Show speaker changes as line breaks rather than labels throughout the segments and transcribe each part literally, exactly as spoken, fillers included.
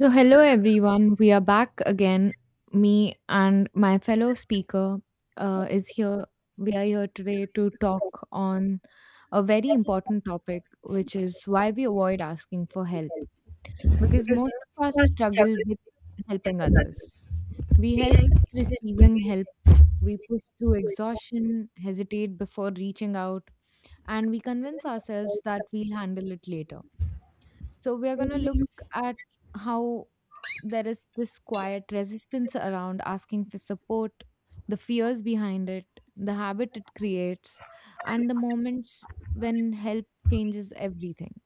So, hello everyone. We are back again. Me and my fellow speaker uh, is here. We are here today to talk on a very important topic, which is why we avoid asking for help. Because most of us struggle with helping others. We help with receiving help, we push through exhaustion, hesitate before reaching out, and we convince ourselves that we'll handle it later. So we are going to look at how there is this quiet resistance around asking for support, the fears behind it, the habit it creates, and the moments when help changes everything.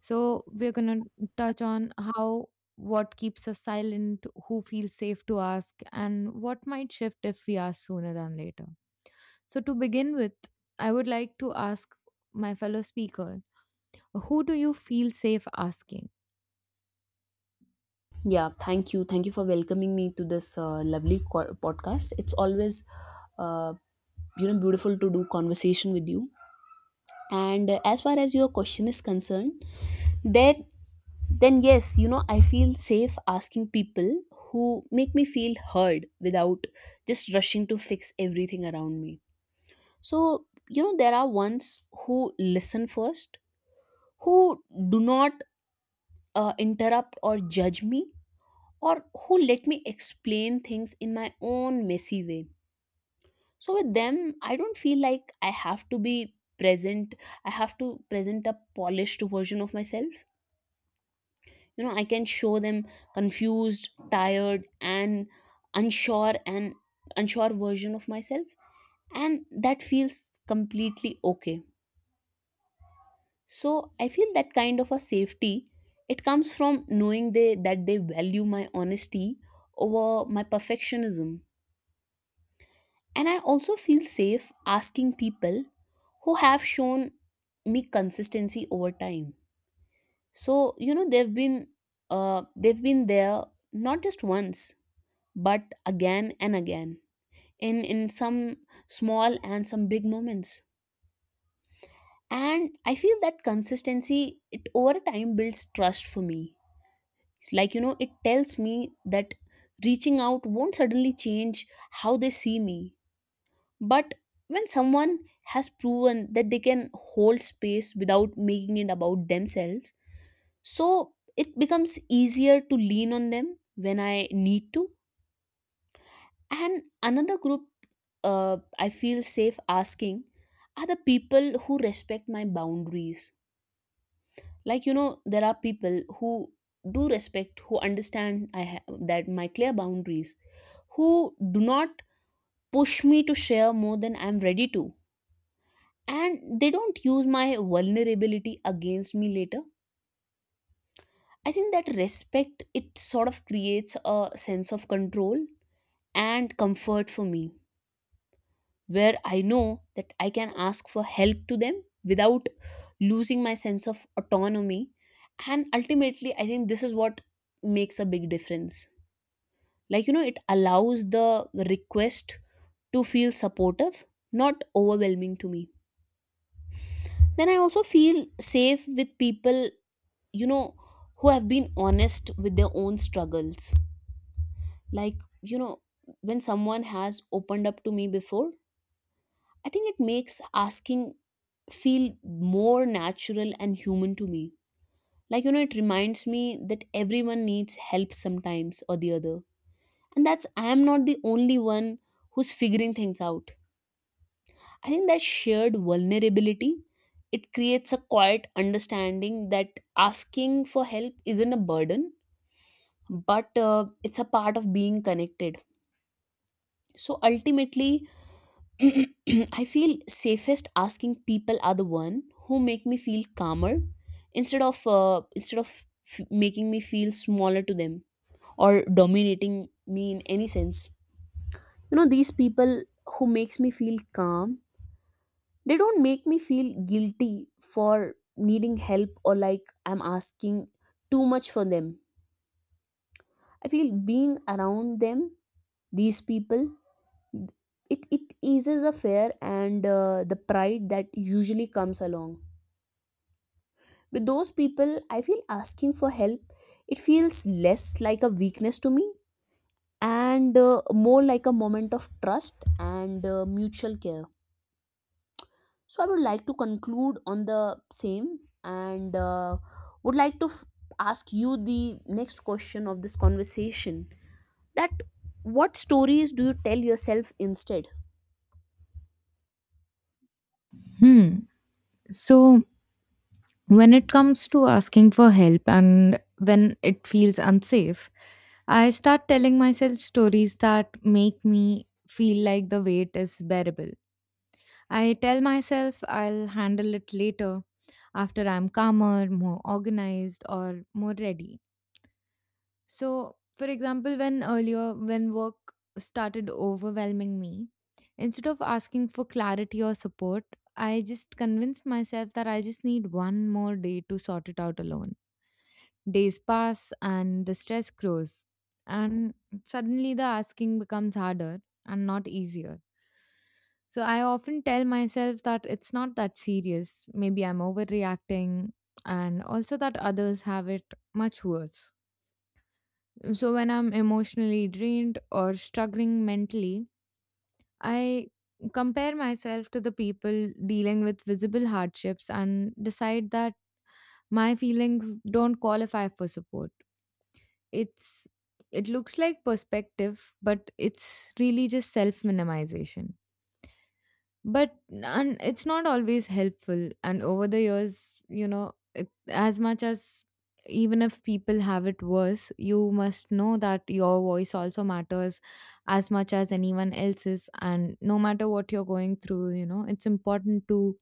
So we're going to touch on how what keeps us silent, who feels safe to ask, and what might shift if we ask sooner than later. So to begin with, I would like to ask my fellow speaker, who do you feel safe asking?
uh, just rushing to fix everything around me. So, you know, there are ones who listen first, who do not uh, interrupt or judge me, or who let me explain things in my own messy way. So, with them, I don't feel like I have to be present, I have to present a polished version of myself. You know, I can show them confused, tired, and unsure and unsure version of myself, and that feels completely okay. So I feel that kind of a safety, it comes from knowing they that they value my honesty over my perfectionism. And I also feel safe asking people who have shown me consistency over time. So you know, they've been uh, they've been there not just once, but again and again, in in some small and some big moments. And I feel that consistency it over time builds trust for me. Like, you know, it tells me that reaching out won't suddenly change how they see me. But when someone has proven that they can hold space without making it about themselves, so it becomes easier to lean on them when I need to. And another group uh, I feel safe asking are the people who respect my boundaries. Like, you know, there are people who do respect, who understand I have that my clear boundaries, who do not push me to share more than I'm ready to, and they don't use my vulnerability against me later. I think that respect it sort of creates a sense of control and comfort for me, where I know that I can ask for help to them without losing my sense of autonomy. And ultimately, I think this is what makes a big difference. Like, you know, it allows the request to feel supportive, not overwhelming to me. Then I also feel safe with people, you know, who have been honest with their own struggles. Like, you know, when someone has opened up to me before, I think it makes asking feel more natural and human to me. Like, you know, it reminds me that everyone needs help sometimes or the other. And that's, I am not the only one who's figuring things out. I think that shared vulnerability it creates a quiet understanding that asking for help isn't a burden, but uh, it's a part of being connected. So ultimately, I feel safest asking people are the one who make me feel calmer instead of uh, instead of f- making me feel smaller to them or dominating me in any sense. You know, these people who makes me feel calm, they don't make me feel guilty for needing help or like I'm asking too much for them. I feel being around them, these people, it it eases the fear and uh, the pride that usually comes along. With those people, I feel asking for help, it feels less like a weakness to me, and uh, more like a moment of trust and uh, mutual care. So I would like to conclude on the same, and uh, would like to f- ask you the next question of this conversation, that what stories do you tell yourself instead?
Hmm. So, when it comes to asking for help and when it feels unsafe, I start telling myself stories that make me feel like the weight is bearable. I tell myself I'll handle it later after I'm calmer, more organized, or more ready. So, for example, when earlier, when work started overwhelming me, instead of asking for clarity or support, I just convinced myself that I just need one more day to sort it out alone. Days pass and the stress grows. And suddenly the asking becomes harder and not easier. So I often tell myself that it's not that serious. Maybe I'm overreacting and also that others have it much worse. So when I'm emotionally drained or struggling mentally, I compare myself to the people dealing with visible hardships and decide that my feelings don't qualify for support. It's it looks like perspective, but it's really just self minimization. But and it's not always helpful, and over the years, you know, it, as much as even if people have it worse, you must know that your voice also matters as much as anyone else's. And no matter what you're going through, you know, it's important to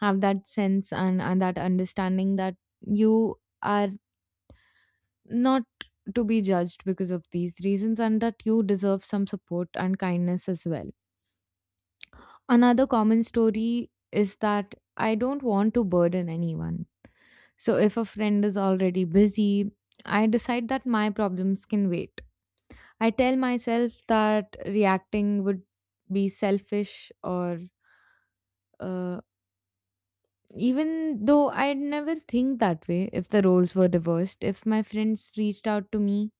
have that sense and, and that understanding that you are not to be judged because of these reasons, and that you deserve some support and kindness as well. Another common story is that I don't want to burden anyone. So if a friend is already busy, I decide that my problems can wait. I tell myself that reacting would be selfish or uh, even though I'd never think that way if the roles were reversed. If my friends reached out to me,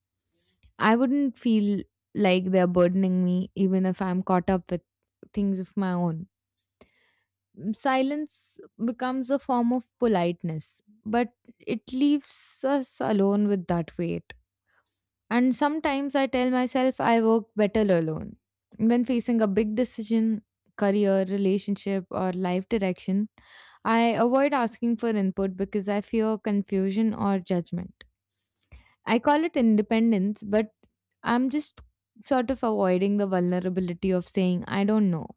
I wouldn't feel like they're burdening me, even if I'm caught up with things of my own. Mm, Silence becomes a form of politeness, but it leaves us alone with that weight. And sometimes I tell myself I work better alone. When facing a big decision, career, relationship, or life direction, I avoid asking for input because I fear confusion or judgment. I call it independence, but I'm just sort of avoiding the vulnerability of saying, I don't know.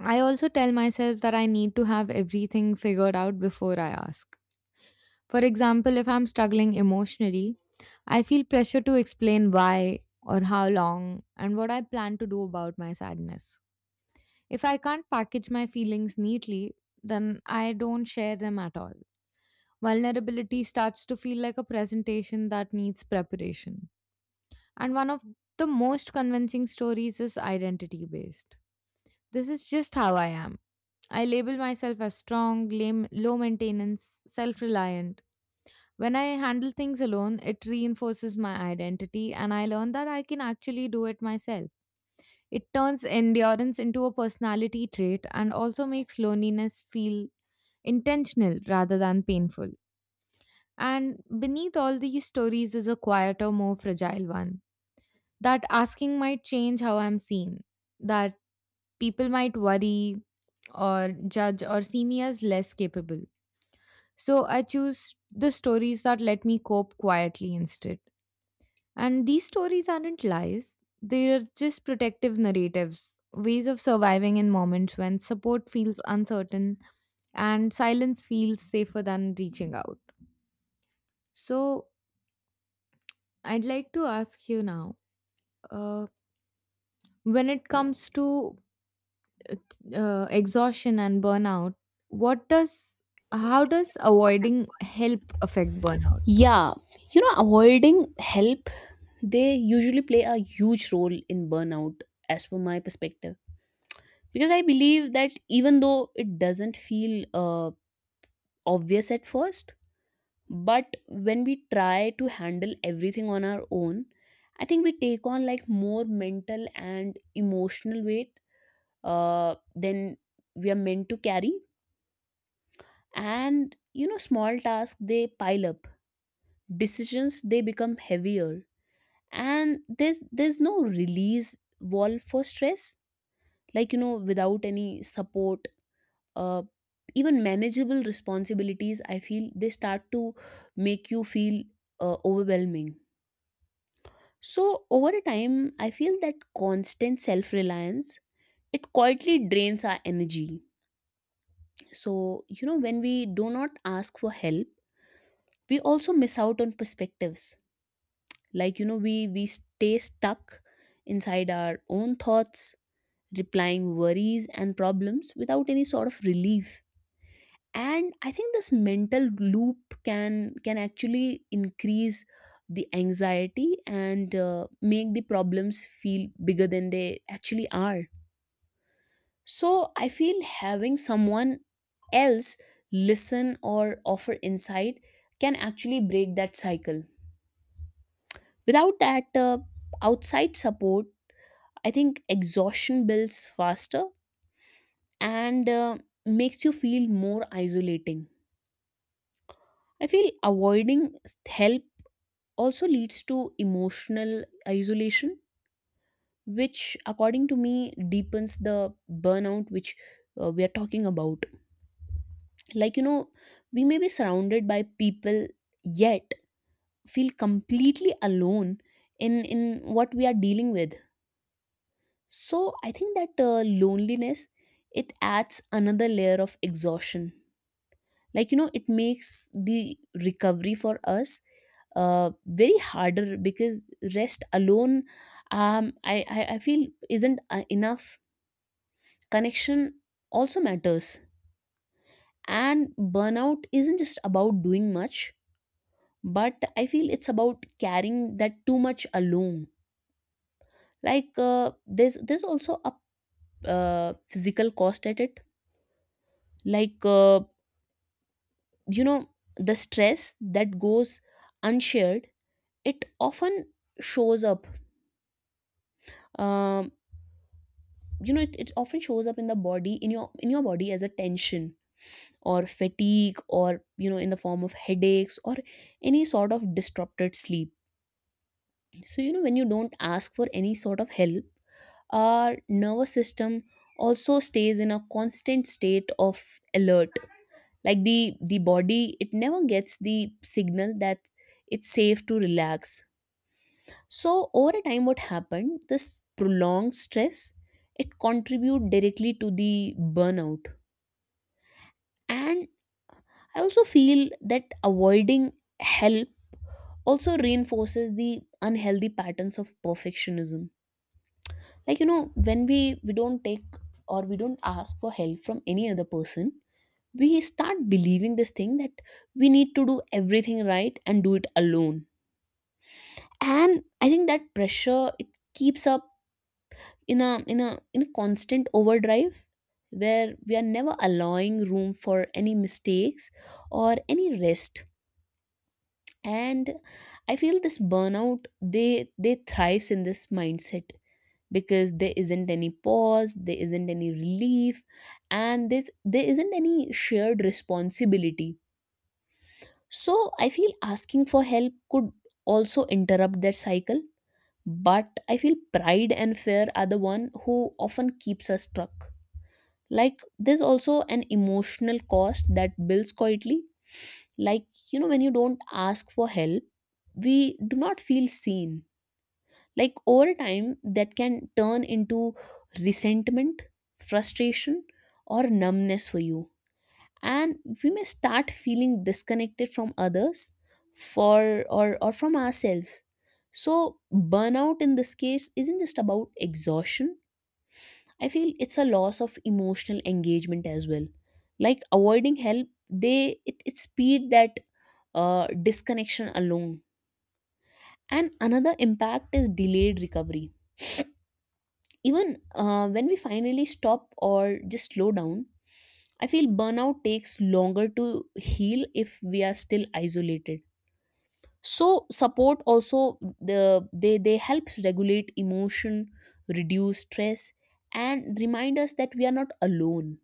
I also tell myself that I need to have everything figured out before I ask. For example, if I'm struggling emotionally, I feel pressure to explain why or how long and what I plan to do about my sadness. If I can't package my feelings neatly, then I don't share them at all. Vulnerability starts to feel like a presentation that needs preparation. And one of the most convincing stories is identity based. This is just how I am. I label myself as strong, lame, low maintenance, self reliant. When I handle things alone, it reinforces my identity, and I learn that I can actually do it myself. It turns endurance into a personality trait and also makes loneliness feel intentional rather than painful. And beneath all these stories is a quieter, more fragile one, that asking might change how I'm seen, that people might worry, or judge, or see me as less capable. So I choose the stories that let me cope quietly instead. And these stories aren't lies, they are just protective narratives, ways of surviving in moments when support feels uncertain and silence feels safer than reaching out. So I'd like to ask you now, uh, when it comes to uh, exhaustion and burnout, what does how does avoiding help affect burnout?
Yeah, you know, avoiding help, they usually play a huge role in burnout, as per my perspective, because I believe that even though it doesn't feel uh, obvious at first, but when we try to handle everything on our own, I think we take on like more mental and emotional weight uh, than we are meant to carry. And you know, small tasks they pile up, decisions they become heavier, and there's there's no release valve for stress. Like, you know, without any support, uh, even manageable responsibilities I feel they start to make you feel uh, overwhelming. So over a time, I feel that constant self reliance, it quietly drains our energy. So you know, when we do not ask for help, we also miss out on perspectives. Like you know, we we stay stuck inside our own thoughts, replying worries and problems without any sort of relief. And I think this mental loop can can actually increase the anxiety and uh, make the problems feel bigger than they actually are. So I feel having someone else listen or offer insight can actually break that cycle. Without that uh, outside support, I think exhaustion builds faster and uh, makes you feel more isolating. I feel avoiding help also leads to emotional isolation, which, according to me, deepens the burnout which uh, we are talking about. Like, you know, we may be surrounded by people, yet feel completely alone in, in what we are dealing with. So I think that uh, loneliness it adds another layer of exhaustion. Like you know, it makes the recovery for us uh, very harder because rest alone, um, I, I i feel isn't uh, enough. Connection also matters. And burnout isn't just about doing much, but I feel it's about carrying that too much alone. Like uh, there's there's also a uh, physical cost at it. Like uh, you know, the stress that goes unshared, it often shows up, um, you know it, it often shows up in the body, in your in your body as a tension or fatigue, or you know, in the form of headaches or any sort of disrupted sleep. So you know, when you don't ask for any sort of help, our nervous system also stays in a constant state of alert. Like the the body, it never gets the signal that it's safe to relax. So over a time, what happened? This prolonged stress it contribute directly to the burnout. And I also feel that avoiding help also reinforces the unhealthy patterns of perfectionism. Like you know, when we we don't take or we don't ask for help from any other person, we start believing this thing that we need to do everything right and do it alone. And I think that pressure it keeps up in a in a in a constant overdrive, where we are never allowing room for any mistakes or any rest. And I feel this burnout they they thrives in this mindset, because there isn't any pause, there isn't any relief, and this there isn't any shared responsibility. So I feel asking for help could also interrupt that cycle, but I feel pride and fear are the one who often keeps us stuck. Like there's also an emotional cost that builds quietly. Like, you know, when you don't ask for help, we do not feel seen. Like over time, that can turn into resentment, frustration, or numbness for you. And we may start feeling disconnected from others, for or or from ourselves. So burnout in this case isn't just about exhaustion, I feel it's a loss of emotional engagement as well. Like avoiding help, they it, it speed that uh, disconnection alone. And another impact is delayed recovery. Even uh, when we finally stop or just slow down, I feel burnout takes longer to heal if we are still isolated. So support also the they they helps regulate emotion, reduce stress, and remind us that we are not alone.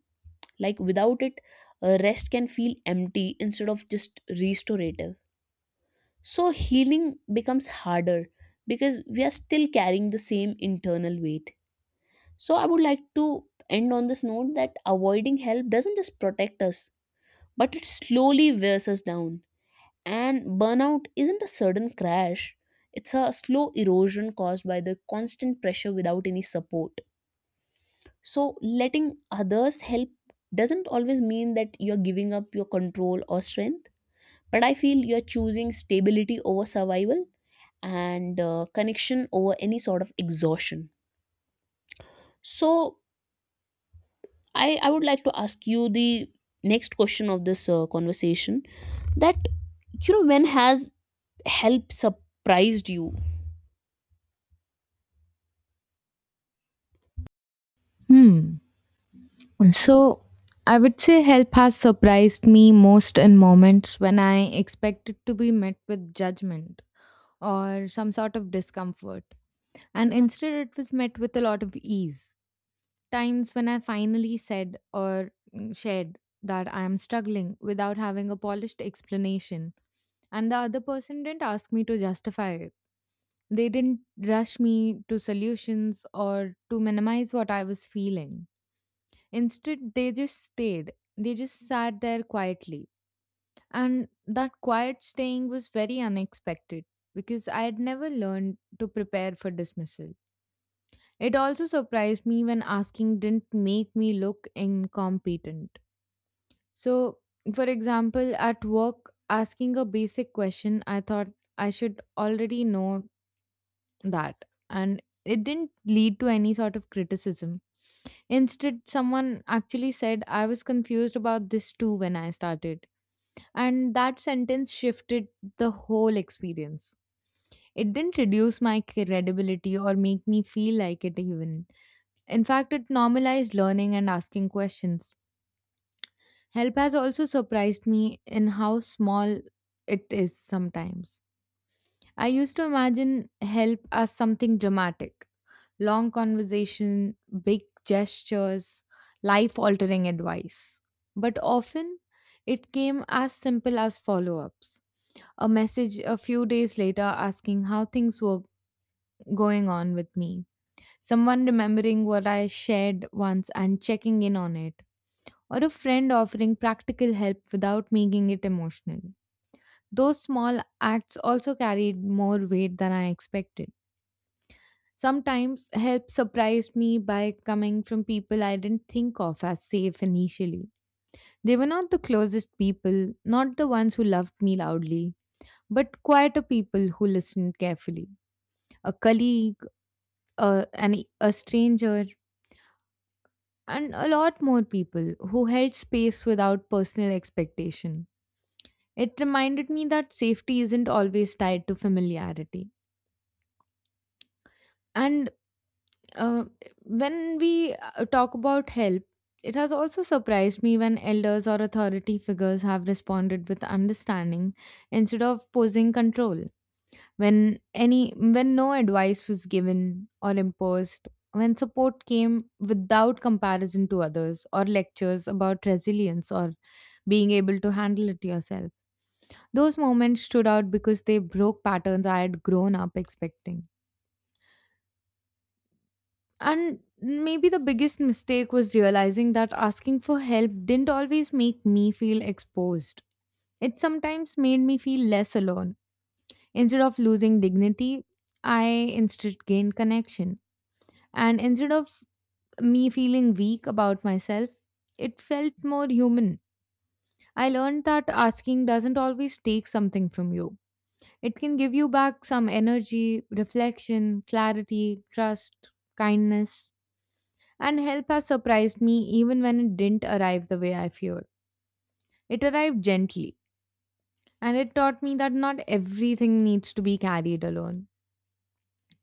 Like without it, uh, rest can feel empty instead of just restorative. So healing becomes harder, because we are still carrying the same internal weight. So I would like to end on this note that avoiding help doesn't just protect us, but it slowly wears us down. And burnout isn't a sudden crash, it's a slow erosion caused by the constant pressure without any support. So letting others help doesn't always mean that you're giving up your control or strength, but I feel you're choosing stability over survival and uh, connection over any sort of exhaustion. So I, I would like to ask you the next question of this uh, conversation, that you know, when has help surprised you?
Hmm. So I would say help has surprised me most in moments when I expected to be met with judgment or some sort of discomfort. And instead, it was met with a lot of ease. Times when I finally said or mm, shared that I am struggling without having a polished explanation, and the other person didn't ask me to justify it. They didn't rush me to solutions or to minimize what I was feeling. Instead, they just stayed. They just sat there quietly. And that quiet staying was very unexpected because I had never learned to prepare for dismissal. It also surprised me when asking didn't make me look incompetent. So, for example, at work, asking a basic question, I thought I should already know that. And it didn't lead to any sort of criticism. Instead, someone actually said, I was confused about this too when I started. And that sentence shifted the whole experience. It didn't reduce my credibility or make me feel like it, even. In fact, it normalized learning and asking questions. Help has also surprised me in how small it is sometimes. I used to imagine help as something dramatic, long conversation, big gestures, life altering advice. But often it came as simple as follow ups. A message a few days later asking how things were going on with me, someone remembering what I shared once and checking in on it, or a friend offering practical help without making it emotional. Those small acts also carried more weight than I expected. Sometimes help surprised me by coming from people I didn't think of as safe initially. They were not the closest people, not the ones who loved me loudly, but quieter people who listened carefully. A colleague, a, an, a stranger, and a lot more people who held space without personal expectation. It reminded me that safety isn't always tied to familiarity. And Uh, when we uh, talk about help, it has also surprised me when elders or authority figures have responded with understanding instead of posing control. When any when no advice was given or imposed, when support came without comparison to others or lectures about resilience or being able to handle it yourself. Those moments stood out because they broke patterns I had grown up expecting. And maybe the biggest mistake was realizing that asking for help didn't always make me feel exposed. It sometimes made me feel less alone. Instead of losing dignity, I instead gained connection. And instead of me feeling weak about myself, it felt more human. I learned that asking doesn't always take something from you. It can give you back some energy, reflection, clarity, trust, kindness. And help has surprised me even when it didn't arrive the way I feared. It arrived gently, and it taught me that not everything needs to be carried alone.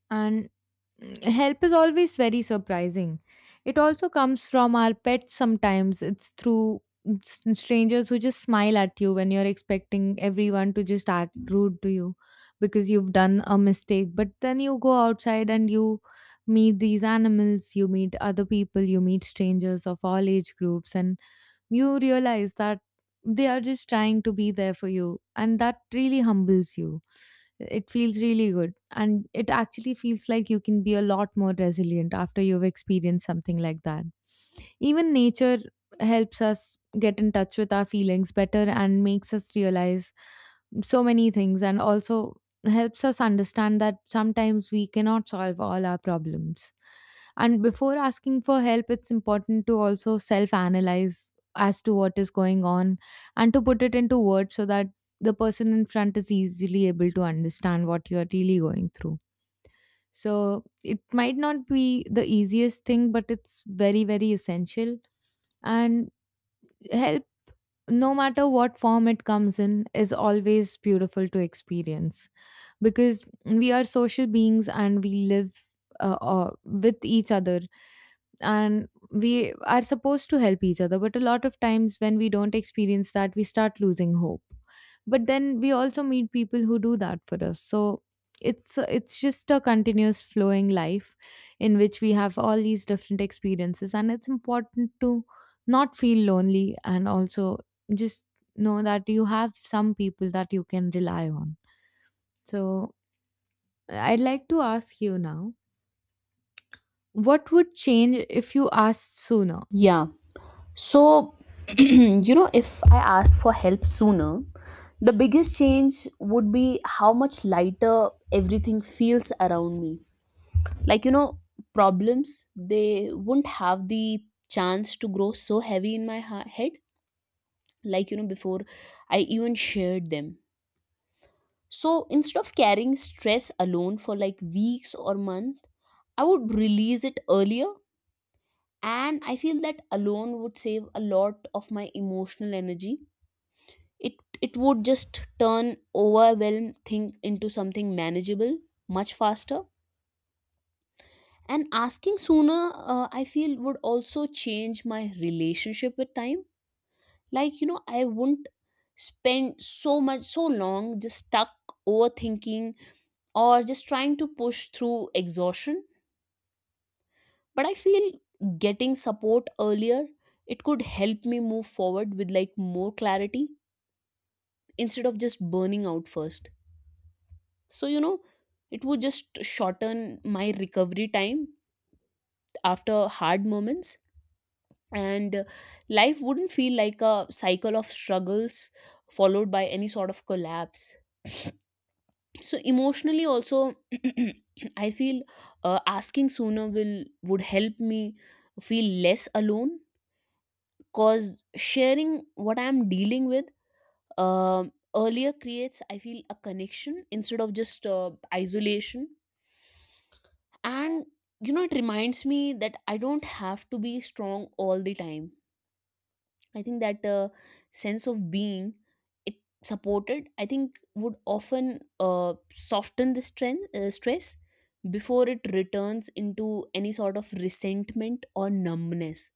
And help is always very surprising. It also comes from our pets sometimes, it's through s- strangers who just smile at you when you're expecting everyone to just act rude to you because you've done a mistake. But then you go outside and you meet these animals, you meet other people, you meet strangers of all age groups, and you realize that they are just trying to be there for you, and that really humbles you. It feels really good. And it actually feels like you can be a lot more resilient after you've experienced something like that. Even nature helps us get in touch with our feelings better and makes us realize so many things, and also helps us understand that sometimes we cannot solve all our problems. And before asking for help, it's important to also self analyze as to what is going on, and to put it into words so that the person in front is easily able to understand what you're really going through. So it might not be the easiest thing, but it's very, very essential. And help, no matter what form it comes in, is always beautiful to experience because we are social beings and we live uh, uh, with each other, and we are supposed to help each other. But a lot of times when we don't experience that, we start losing hope, but then we also meet people who do that for us. So it's it's just a continuous flowing life in which we have all these different experiences, and it's important to not feel lonely, and also just know that you have some people that you can rely on. So I'd like to ask you now, what would change if you asked sooner?
Yeah. So, you know, if I asked for help sooner, the biggest change would be how much lighter everything feels around me. Like, you know, problems, they wouldn't have the chance to grow so heavy in my ha- head, like, you know, before I even shared them. So instead of carrying stress alone for like weeks or months, I would release it earlier. And I feel that alone would save a lot of my emotional energy. It it would just turn overwhelm thing into something manageable much faster. And asking sooner, uh, I feel would also change my relationship with time. Like you know, I wouldn't spend so much so long just stuck overthinking or just trying to push through exhaustion. But I feel getting support earlier, it could help me move forward with like more clarity instead of just burning out first. So you know, it would just shorten my recovery time after hard moments. And uh, life wouldn't feel like a cycle of struggles followed by any sort of collapse. So emotionally also, I feel uh, asking sooner will would help me feel less alone, cause sharing what I'm dealing with um earlier creates I feel a connection instead of just uh, isolation. And you know, it reminds me that I don't have to be strong all the time. I think that uh, sense of being, it supported, I think would often uh, soften the strength, uh, stress before it returns into any sort of resentment or numbness.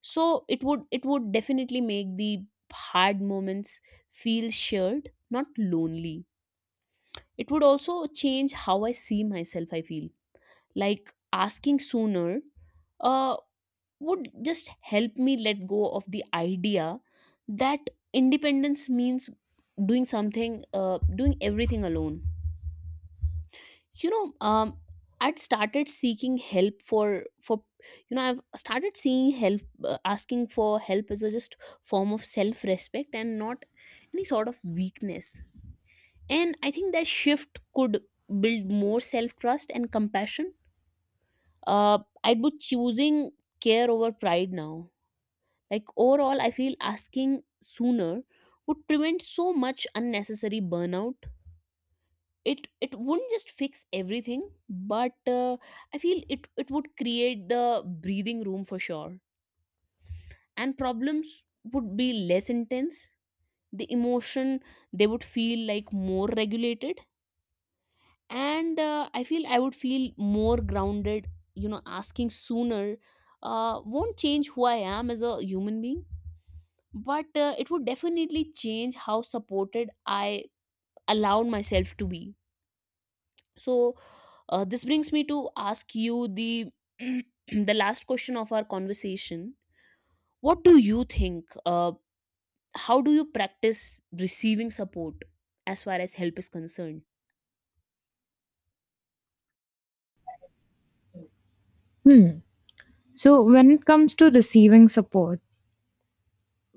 So it would it would definitely make the hard moments feel shared, not lonely. It would also change how I see myself, I feel. Like asking sooner uh, would just help me let go of the idea that independence means doing something uh, doing everything alone. You know, um, I'd started seeking help for for you know, I've started seeing help, uh, asking for help as a just form of self respect and not any sort of weakness. And I think that shift could build more self trust and compassion. uh, I'd be choosing care over pride now. Like overall, I feel asking sooner would prevent so much unnecessary burnout. It it wouldn't just fix everything, but uh, I feel it it would create the breathing room for sure, and problems would be less intense. The emotion they would feel like more regulated, and uh, I feel I would feel more grounded. You know, asking sooner uh, won't change who I am as a human being, but uh, it would definitely change how supported I allowed myself to be. So uh, this brings me to ask you the the last question of our conversation. What do you think, uh, how do you practice receiving support as far as help is concerned?
Hmm. So when it comes to receiving support,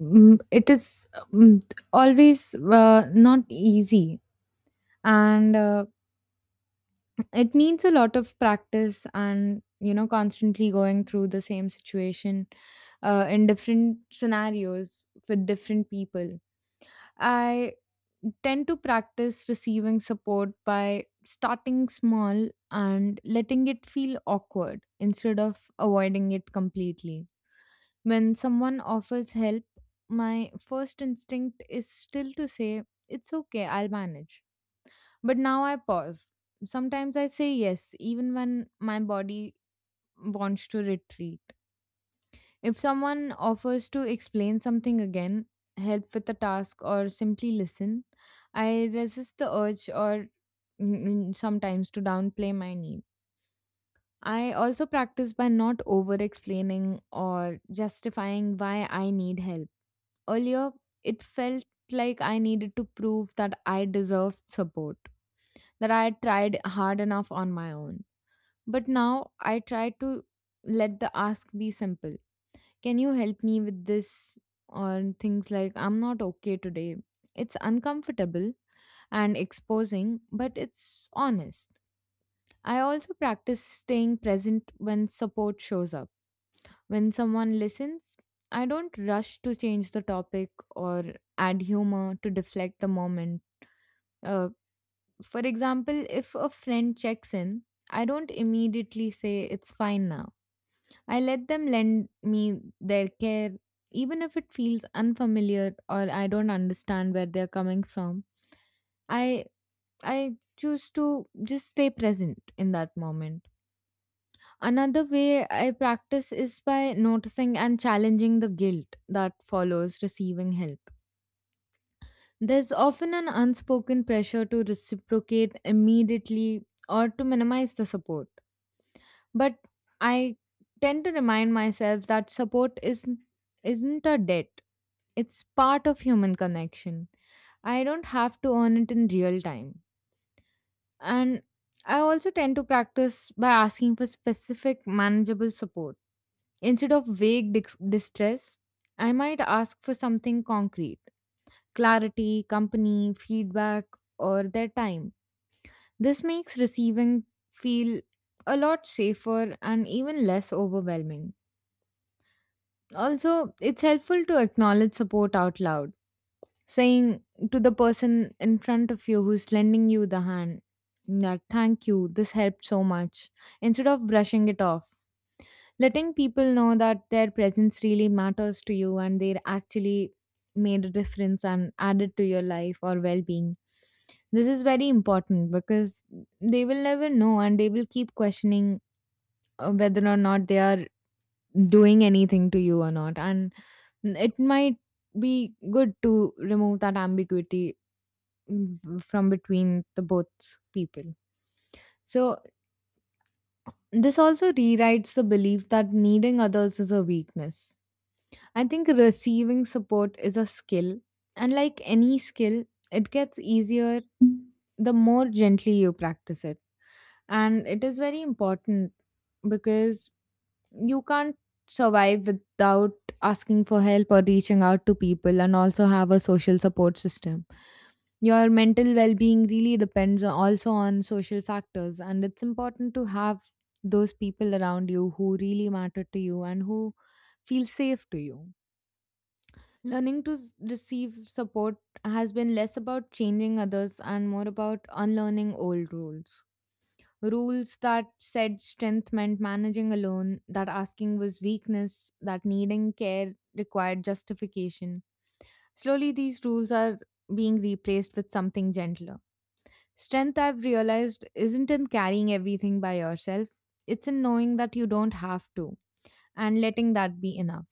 mm, it is mm, always uh, not easy and uh, it needs a lot of practice and you know constantly going through the same situation uh, in different scenarios with different people. I tend to practice receiving support by starting small and letting it feel awkward instead of avoiding it completely. When someone offers help, my first instinct is still to say, "It's okay, I'll manage." But now I pause. Sometimes I say yes, even when my body wants to retreat. If someone offers to explain something again, help with a task, or simply listen, I resist the urge or mm, sometimes to downplay my need. I also practice by not over explaining or justifying why I need help. Earlier, it felt like I needed to prove that I deserved support, that I had tried hard enough on my own. But now I try to let the ask be simple. Can you help me with this? Or things like, "I'm not okay today." It's uncomfortable and exposing, but it's honest. I also practice staying present when support shows up. When someone listens, I don't rush to change the topic or add humor to deflect the moment. Uh, for example, if a friend checks in, I don't immediately say it's fine now. I let them lend me their care, even if it feels unfamiliar or I don't understand where they're coming from. I I choose to just stay present in that moment. Another way I practice is by noticing and challenging the guilt that follows receiving help. There's often an unspoken pressure to reciprocate immediately or to minimize the support. But I tend to remind myself that support isn't, isn't a debt, it's part of human connection. I don't have to earn it in real time. And I also tend to practice by asking for specific, manageable support. Instead of vague dis- distress, I might ask for something concrete: clarity, company, feedback, or their time. This makes receiving feel a lot safer and even less overwhelming. Also, it's helpful to acknowledge support out loud, saying to the person in front of you who's lending you the hand that "thank you, this helped so much," instead of brushing it off. Letting people know that their presence really matters to you and they actually made a difference and added to your life or well-being, this is very important, because they will never know and they will keep questioning uh, whether or not they are doing anything to you or not, and it might be good to remove that ambiguity, mm, from between the both people. So this also rewrites the belief that needing others is a weakness. I think receiving support is a skill, and like any skill, it gets easier the more gently you practice it. And it is very important, because you can't survive without asking for help or reaching out to people and also have a social support system. Your mental well being really depends on- also on social factors, and it's important to have those people around you who really matter to you and who feel safe to you. Learning to s- receive support has been less about changing others and more about unlearning old rules. Rules that said strength meant managing alone, that asking was weakness, that needing care required justification. Slowly, these rules are being replaced with something gentler. Strength, I've realized, isn't in carrying everything by yourself, it's in knowing that you don't have to and letting that be enough.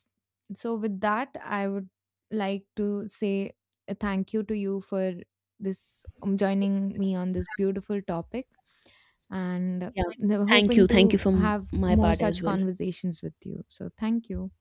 So, with that, I would like to say a thank you to you for this um, joining me on this beautiful topic, and
Yeah,
uh,
thank you,
hoping
thank you
to
from
have
my
more
part as
such
well.
conversations with you. So, thank you.